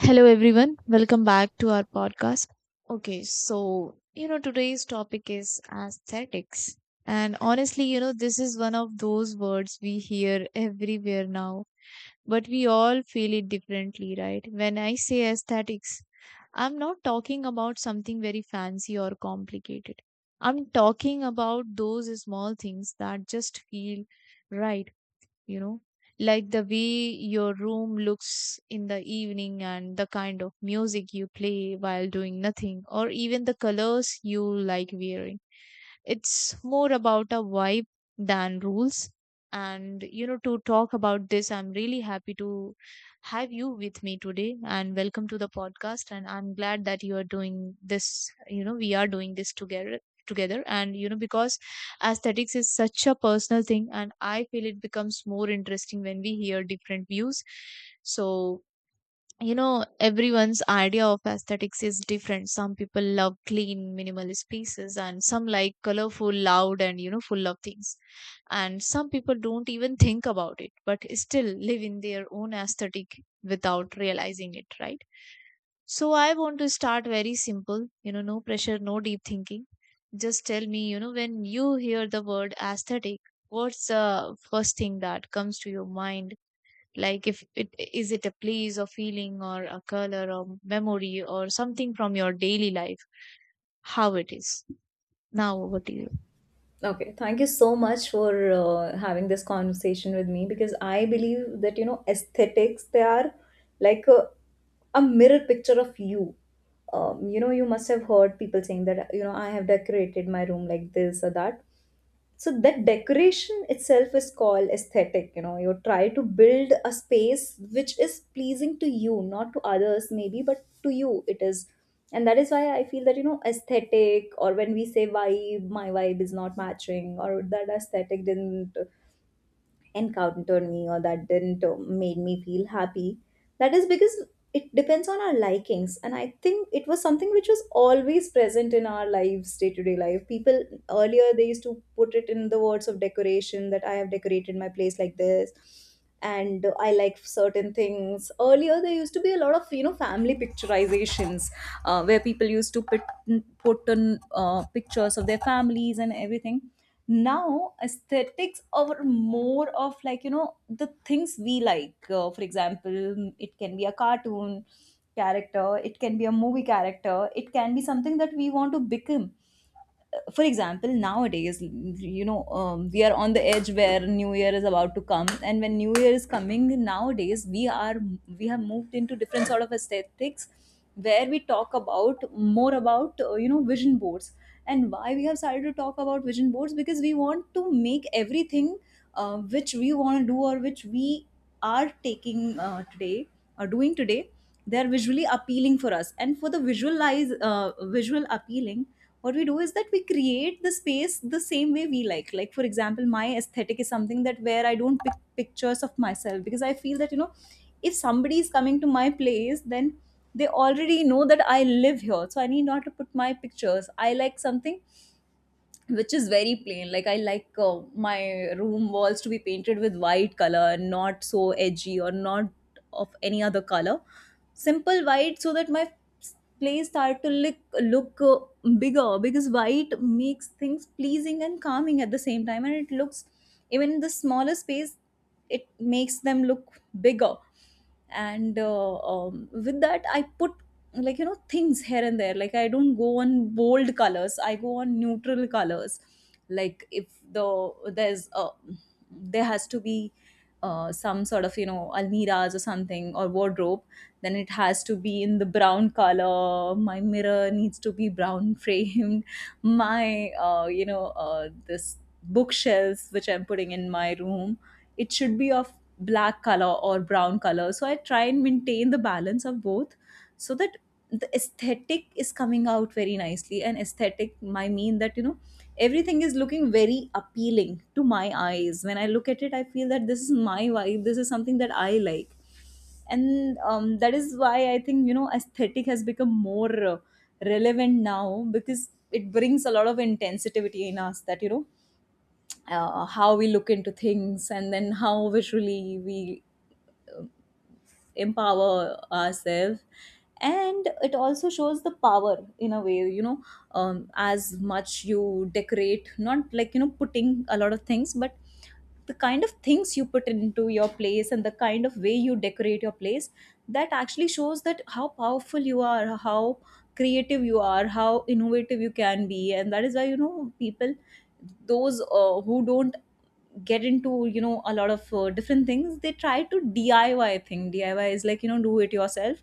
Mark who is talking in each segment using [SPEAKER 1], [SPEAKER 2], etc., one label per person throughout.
[SPEAKER 1] Hello, everyone. Welcome back to our podcast. Okay, so, today's topic is aesthetics. And honestly, this is one of those words we hear everywhere now, but we all feel it differently, right? When I say aesthetics, I'm not talking about something very fancy or complicated. I'm talking about those small things that just feel right you know like the way your room looks in the evening and the kind of music you play while doing nothing, or even the colors you like wearing. It's more about a vibe than rules. And, to talk about this, I'm really happy to have you with me today and welcome to the podcast. And I'm glad that you are doing this, we are doing this together, and because aesthetics is such a personal thing, and I feel it becomes more interesting when we hear different views. So, everyone's idea of aesthetics is different. Some people love clean, minimalist pieces, and some like colorful, loud and full of things, and some people don't even think about it, but still live in their own aesthetic without realizing it, right? So I want to start very simple, no pressure, no deep thinking. Just tell me, when you hear the word aesthetic, what's the first thing that comes to your mind? Like, if it is it a place, or feeling, or a color, or memory, or something from your daily life? How it is? Now over to you.
[SPEAKER 2] Okay, thank you so much for having this conversation with me, because I believe that you know aesthetics they are like a mirror picture of you. You know, you must have heard people saying that you know I have decorated my room like this or that, so that decoration itself is called aesthetic. You know, you try to build a space which is pleasing to you, not to others maybe, but to you it is. And that is why I feel that you know aesthetic, or when we say vibe, my vibe is not matching, or that aesthetic didn't encountered me, or that didn't made me feel happy. That is because it depends on our likings, and I think it was something which was always present in our lives, day to day life. People earlier, they used to put it in the words of decoration, that I have decorated my place like this and I like certain things. Earlier there used to be a lot of you know family picturizations, where people used to put on pictures of their families and everything. Now aesthetics are more of like you know the things we like. For example, it can be a cartoon character, it can be a movie character, it can be something that we want to become. For example, nowadays you know, we are on the edge where new year is about to come, and when new year is coming nowadays, we have moved into different sort of aesthetics, where we talk about more about you know vision boards. And why we have started to talk about vision boards, because we want to make everything which we want to do, or which we are taking today or doing today, they are visually appealing for us. And for the visual appealing, what we do is that we create the space the same way we like. Like for example, my aesthetic is something that where I don't pick pictures of myself, because I feel that you know if somebody is coming to my place, then they already know that I live here, so I need not to put my pictures. I like something which is very plain. Like I like my room walls to be painted with white color, not so edgy or not of any other color, simple white, so that my place start to look bigger, because white makes things pleasing and calming at the same time, and it looks, even in the smaller space it makes them look bigger. And with that I put like you know things here and there. Like I don't go on bold colors, I go on neutral colors. Like if the there's a there has to be some sort of you know almiras or something or wardrobe, then it has to be in the brown color. My mirror needs to be brown framed my this bookshelves which I'm putting in my room, it should be of black color or brown color. So I try and maintain the balance of both, so that the aesthetic is coming out very nicely. And aesthetic might mean that you know everything is looking very appealing to my eyes. When I look at it, I feel that this is my vibe, this is something that I like. And that is why I think you know aesthetic has become more relevant now, because it brings a lot of intensity in us, that you know how we look into things and then how visually we empower ourselves. And it also shows the power in a way, you know, as much you decorate, not like you know putting a lot of things, but the kind of things you put into your place and the kind of way you decorate your place, that actually shows that how powerful you are, how creative you are, how innovative you can be. And that is why you know people, those who don't get into you know a lot of different things, they try to diy thing diy is like you know do it yourself.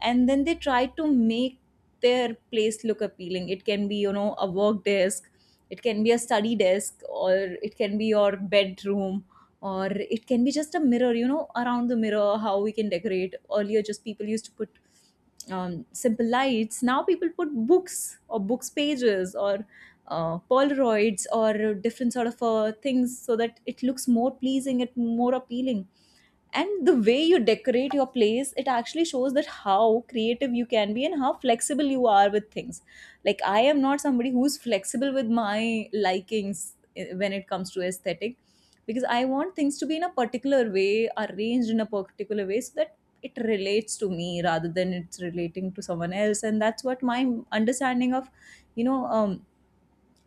[SPEAKER 2] And then they try to make their place look appealing. It can be you know a work desk, it can be a study desk, or it can be your bedroom, or it can be just a mirror. You know, around the mirror, how we can decorate. Earlier just people used to put simple lights, now people put books or books pages, or Polaroids or different sort of things, so that it looks more pleasing, it more appealing. And the way you decorate your place, it actually shows that how creative you can be and how flexible you are with things. Like I am not somebody who's flexible with my likings eh, when it comes to aesthetic, because I want things to be in a particular way, arranged in a particular way, so that it relates to me rather than it's relating to someone else. And that's what my understanding of, you know,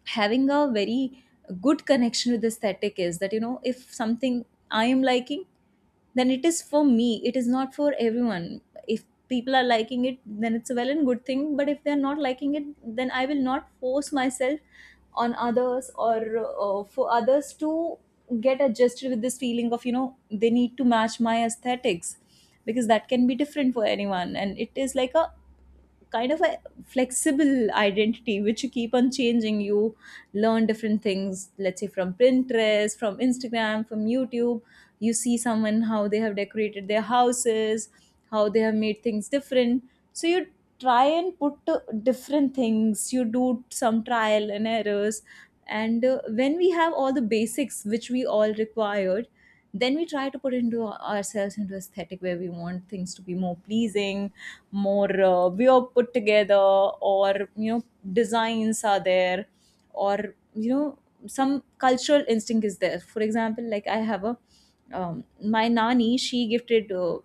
[SPEAKER 2] having a very good connection with aesthetic is, that you know if something I am liking, then it is for me, it is not for everyone. If people are liking it, then it's a well and good thing. But if they are not liking it, then I will not force myself on others, or for others to get adjusted with this feeling of you know they need to match my aesthetics, because that can be different for anyone. And it is like a kind of a flexible identity which you keep on changing. You learn different things, let's say from pinterest, from instagram, from youtube. You see someone how they have decorated their houses, how they have made things different. So you try and put different things, you do some trial and errors. And when we have all the basics which we all required, then we try to put into ourselves into aesthetic, where we want things to be more pleasing, more we are put together, or you know designs are there, or you know some cultural instinct is there. For example, like I have a um, my nani, she gifted uh,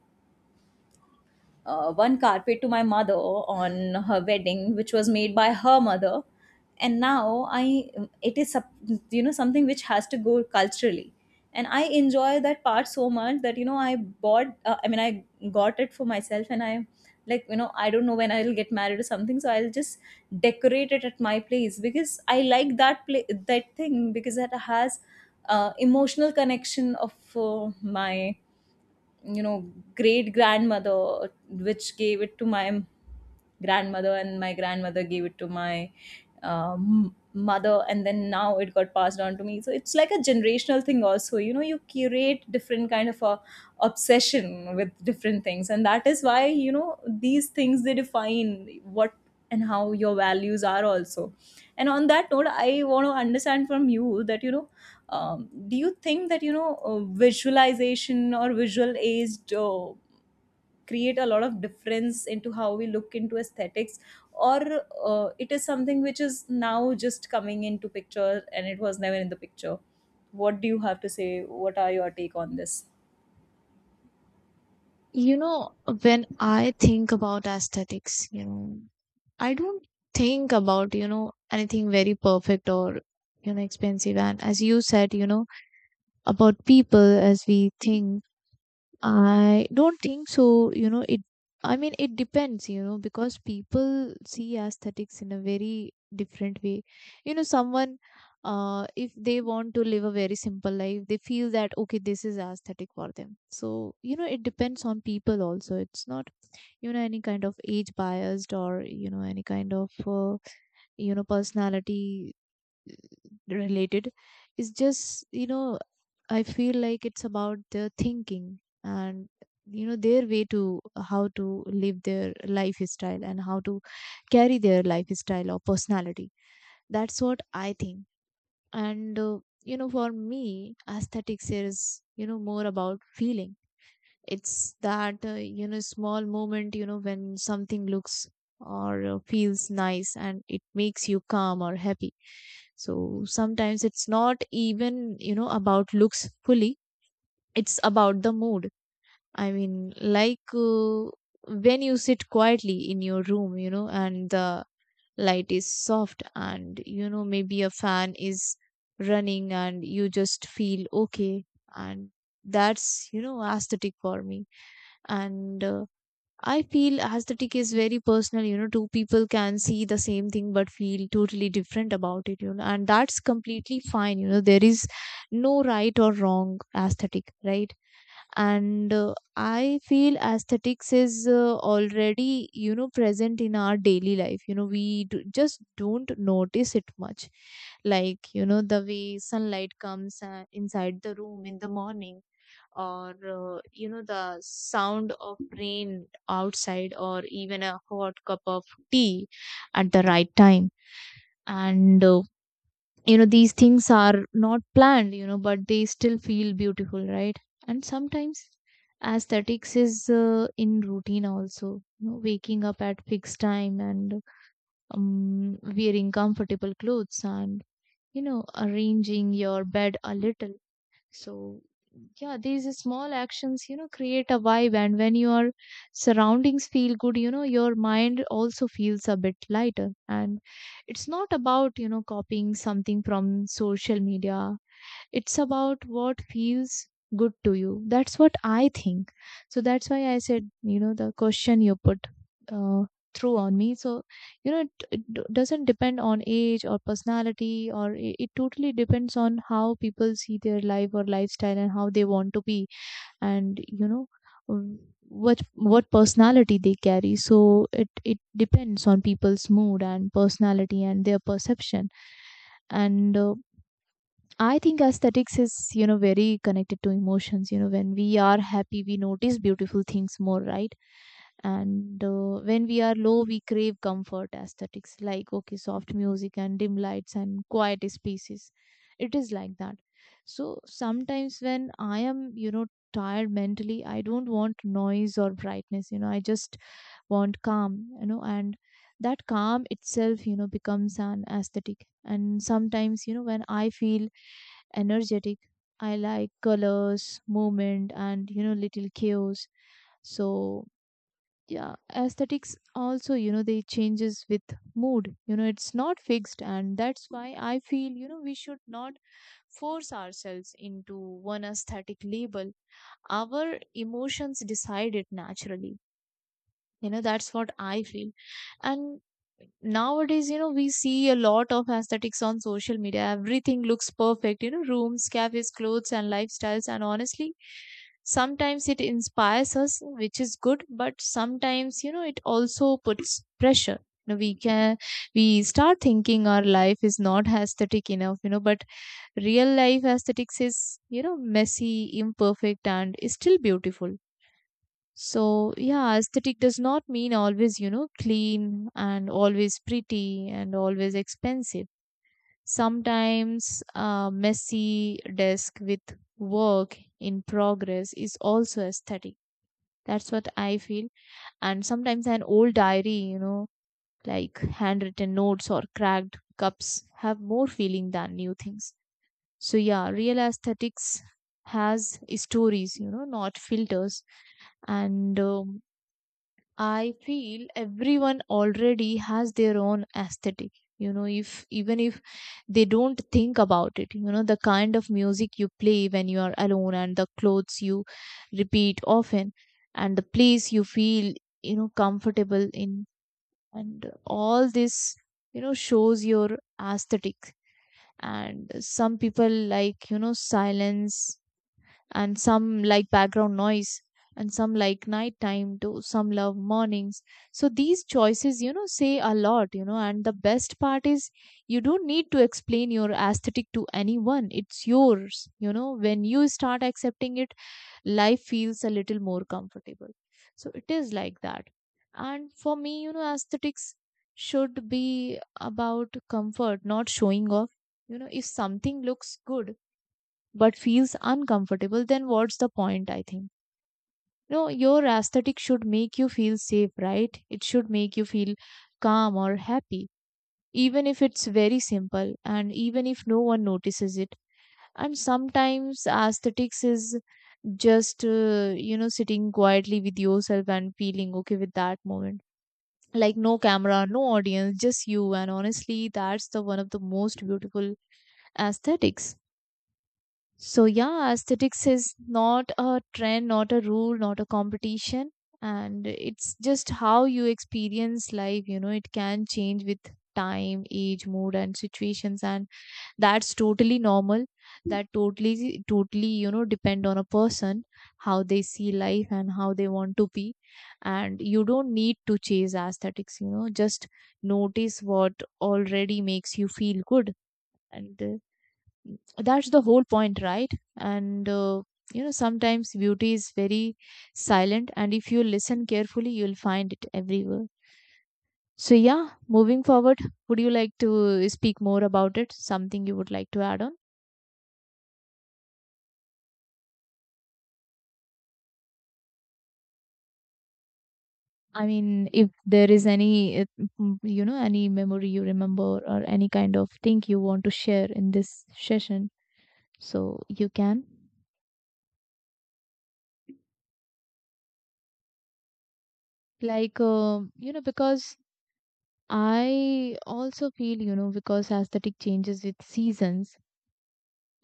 [SPEAKER 2] uh, one carpet to my mother on her wedding, which was made by her mother. And now I, it is sup- you know something which has to go culturally, and I enjoy that part so much that you know I bought, I mean I got it for myself. And I like you know I don't know when I'll get married or something, so I'll just decorate it at my place, because I like that play that thing, because that has emotional connection of my you know great grandmother, which gave it to my grandmother, and my grandmother gave it to my mother, and then now it got passed on to me. So it's like a generational thing also, you know you curate different kind of a obsession with different things. And that is why you know these things, they define what and how your values are also. And on that note, I want to understand from you that you know, do you think that you know visualization or visual aged create a lot of difference into how we look into aesthetics? Or it is something which is now just coming into picture and it was never in the picture? What do you have to say? What are your take on this?
[SPEAKER 1] You know when I think about aesthetics, I don't think about anything very perfect or expensive. And as you said, about people as we think, I don't think so. You know, I mean, it depends, because people see aesthetics in a very different way. You know, if they want to live a very simple life, they feel that, okay, this is aesthetic for them. So, it depends on people also. It's not, any kind of age biased, or, any kind of, personality uh, related. It's just, I feel like it's about their thinking, and their way to how to live their lifestyle, and how to carry their lifestyle or personality. That's what I think. And for me, aesthetics is more about feeling. It's that small moment when something looks or feels nice and it makes you calm or happy. So sometimes it's not even about looks fully, it's about the mood. i mean like uh, when you sit quietly in your room, and the light is soft, and maybe a fan is running, and you just feel okay, and that's, aesthetic for me. And I feel aesthetic is very personal. Two people can see the same thing but feel totally different about it, and that's completely fine. There is no right or wrong aesthetic, right? And I feel aesthetics is already, present in our daily life. We just don't notice it much. Like the way sunlight comes inside the room in the morning, or the sound of rain outside, or even a hot cup of tea at the right time. And these things are not planned, but they still feel beautiful, right? And sometimes aesthetics is, in routine also. You know, waking up at fixed time, and wearing comfortable clothes, and arranging your bed a little. So, yeah, these small actions, create a vibe. And when your surroundings feel good, your mind also feels a bit lighter. And it's not about, copying something from social media. It's about what feels good to you. That's what I think. So that's why I said, the question you put uh, through on me. So doesn't depend on age or personality, or it totally depends on how people see their life or lifestyle, and how they want to be. And um, what personality they carry. So it depends on people's mood and personality and their perception. And I think aesthetics is, very connected to emotions. You know, when we are happy, we notice beautiful things more, right? And when we are low, we crave comfort aesthetics, like, okay, soft music and dim lights and quiet spaces. It is like that. So sometimes when I am, tired mentally, I don't want noise or brightness. You know, I just want calm, and that calm itself, becomes an aesthetic. And sometimes, when I feel energetic, I like colors, movement, and little chaos. So, yeah, aesthetics also, they changes with mood. You know, it's not fixed, and that's why I feel, we should not force ourselves into one aesthetic label. Our emotions decide it naturally, that's what I feel. And nowadays, we see a lot of aesthetics on social media. Everything looks perfect, rooms, cafes, clothes, and lifestyles. And honestly, sometimes it inspires us, which is good, but sometimes, it also puts pressure. We start thinking our life is not aesthetic enough, but real life aesthetics is, messy, imperfect, and is still beautiful. So, yeah, aesthetic does not mean always, clean and always pretty and always expensive. Sometimes a messy desk with work in progress is also aesthetic. That's what I feel. And sometimes an old diary, like handwritten notes or cracked cups, have more feeling than new things. So, yeah, real aesthetics has stories, not filters. And I feel everyone already has their own aesthetic. You know, if even if they don't think about it, the kind of music you play when you are alone, and the clothes you repeat often, and the place you feel, comfortable in, and all this, shows your aesthetic. And some people like, silence, and some like background noise, and some like nighttime, to some love mornings. So these choices, say a lot. And the best part is, you don't need to explain your aesthetic to anyone. It's yours. When you start accepting it, life feels a little more comfortable. So it is like that. And for me, aesthetics should be about comfort, not showing off. You know, if something looks good but feels uncomfortable, then what's the point, I think? No, your aesthetic should make you feel safe, right? It should make you feel calm or happy, even if it's very simple, and even if no one notices it. And sometimes aesthetics is just, sitting quietly with yourself and feeling okay with that moment. Like no camera, no audience, just you. And honestly, that's the one of the most beautiful aesthetics. So yeah, aesthetics is not a trend, not a rule, not a competition. And it's just how you experience life. It can change with time, age, mood, and situations. And that's totally normal. That totally, totally, depend on a person, how they see life and how they want to be. And you don't need to chase aesthetics, just notice what already makes you feel good. And that's the whole point, right? And sometimes beauty is very silent, and if you listen carefully, you'll find it everywhere. So, yeah, moving forward, would you like to speak more about it? Something you would like to add on? I mean, if there is any, any memory you remember, or any kind of thing you want to share in this session, so you can. Like, because I also feel, because aesthetic changes with seasons,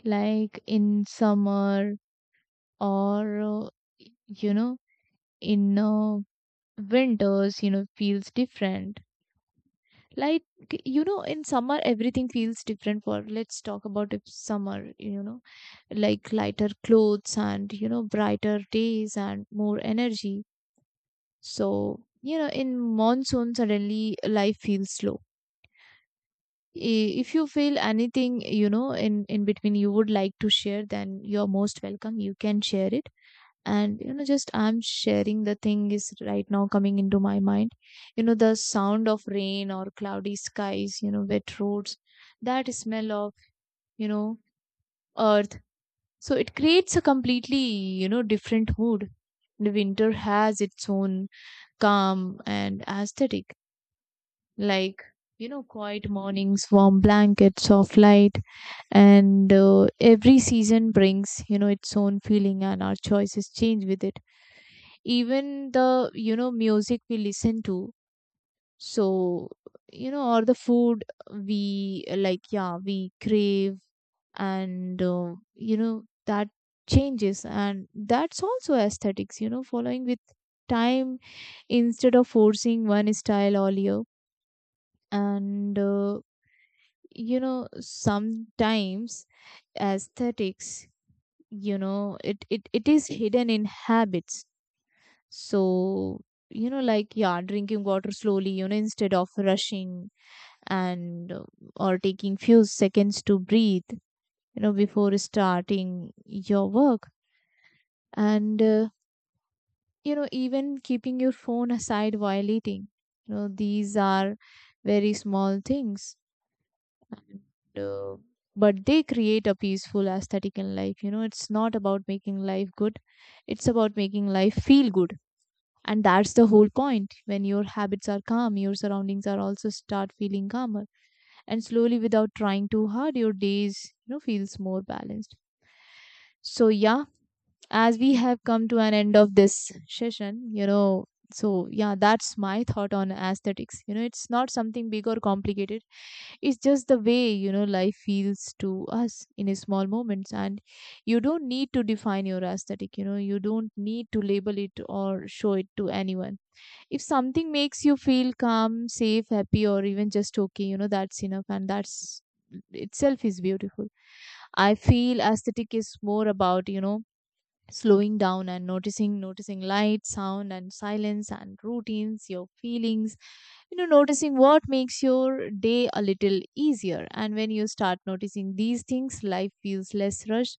[SPEAKER 1] like in summer or, you know, in winters, feels different. Like, in summer, everything feels different for, let's talk about if summer, like lighter clothes and, brighter days and more energy. So, in monsoon, suddenly life feels slow. If you feel anything, in between, you would like to share, then you're most welcome, you can share it. And just I'm sharing the thing is right now coming into my mind. The sound of rain or cloudy skies, wet roads, that smell of, you know earth. So it creates a completely, different mood. The winter has its own calm and aesthetic, like, quiet mornings, warm blankets, soft light. And every season brings, its own feeling, and our choices change with it, even the, music we listen to. So, or the food we like, yeah, we crave. And that changes, and that's also aesthetics, following with time, instead of forcing one style all year. And sometimes aesthetics, it is hidden in habits. So, like, yeah, drinking water slowly, instead of rushing, and or taking few seconds to breathe, before starting your work, and even keeping your phone aside while eating. These are very small things, and but they create a peaceful aesthetic in life. It's not about making life good, it's about making life feel good. And that's the whole point. When your habits are calm, your surroundings are also start feeling calmer, and slowly, without trying too hard, your days, feels more balanced. So yeah, as we have come to an end of this session, so yeah, that's my thought on aesthetics. It's not something big or complicated. It's just the way, life feels to us in a small moments. And you don't need to define your aesthetic. You don't need to label it or show it to anyone. If something makes you feel calm, safe, happy, or even just okay, that's enough, and that's itself is beautiful. I feel aesthetic is more about, slowing down and noticing light, sound and silence, and routines, your feelings. Noticing what makes your day a little easier. And when you start noticing these things, life feels less rushed.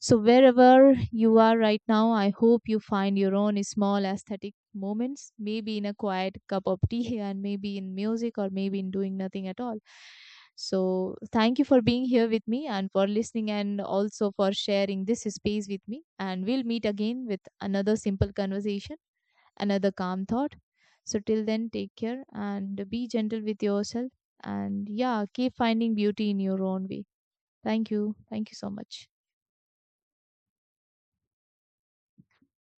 [SPEAKER 1] So wherever you are right now, I hope you find your own small aesthetic moments, maybe in a quiet cup of tea, and maybe in music, or maybe in doing nothing at all. So, thank you for being here with me, and for listening, and also for sharing this space with me. And we'll meet again with another simple conversation, another calm thought. So, till then, take care and be gentle with yourself. And yeah, keep finding beauty in your own way. Thank you. Thank you so much.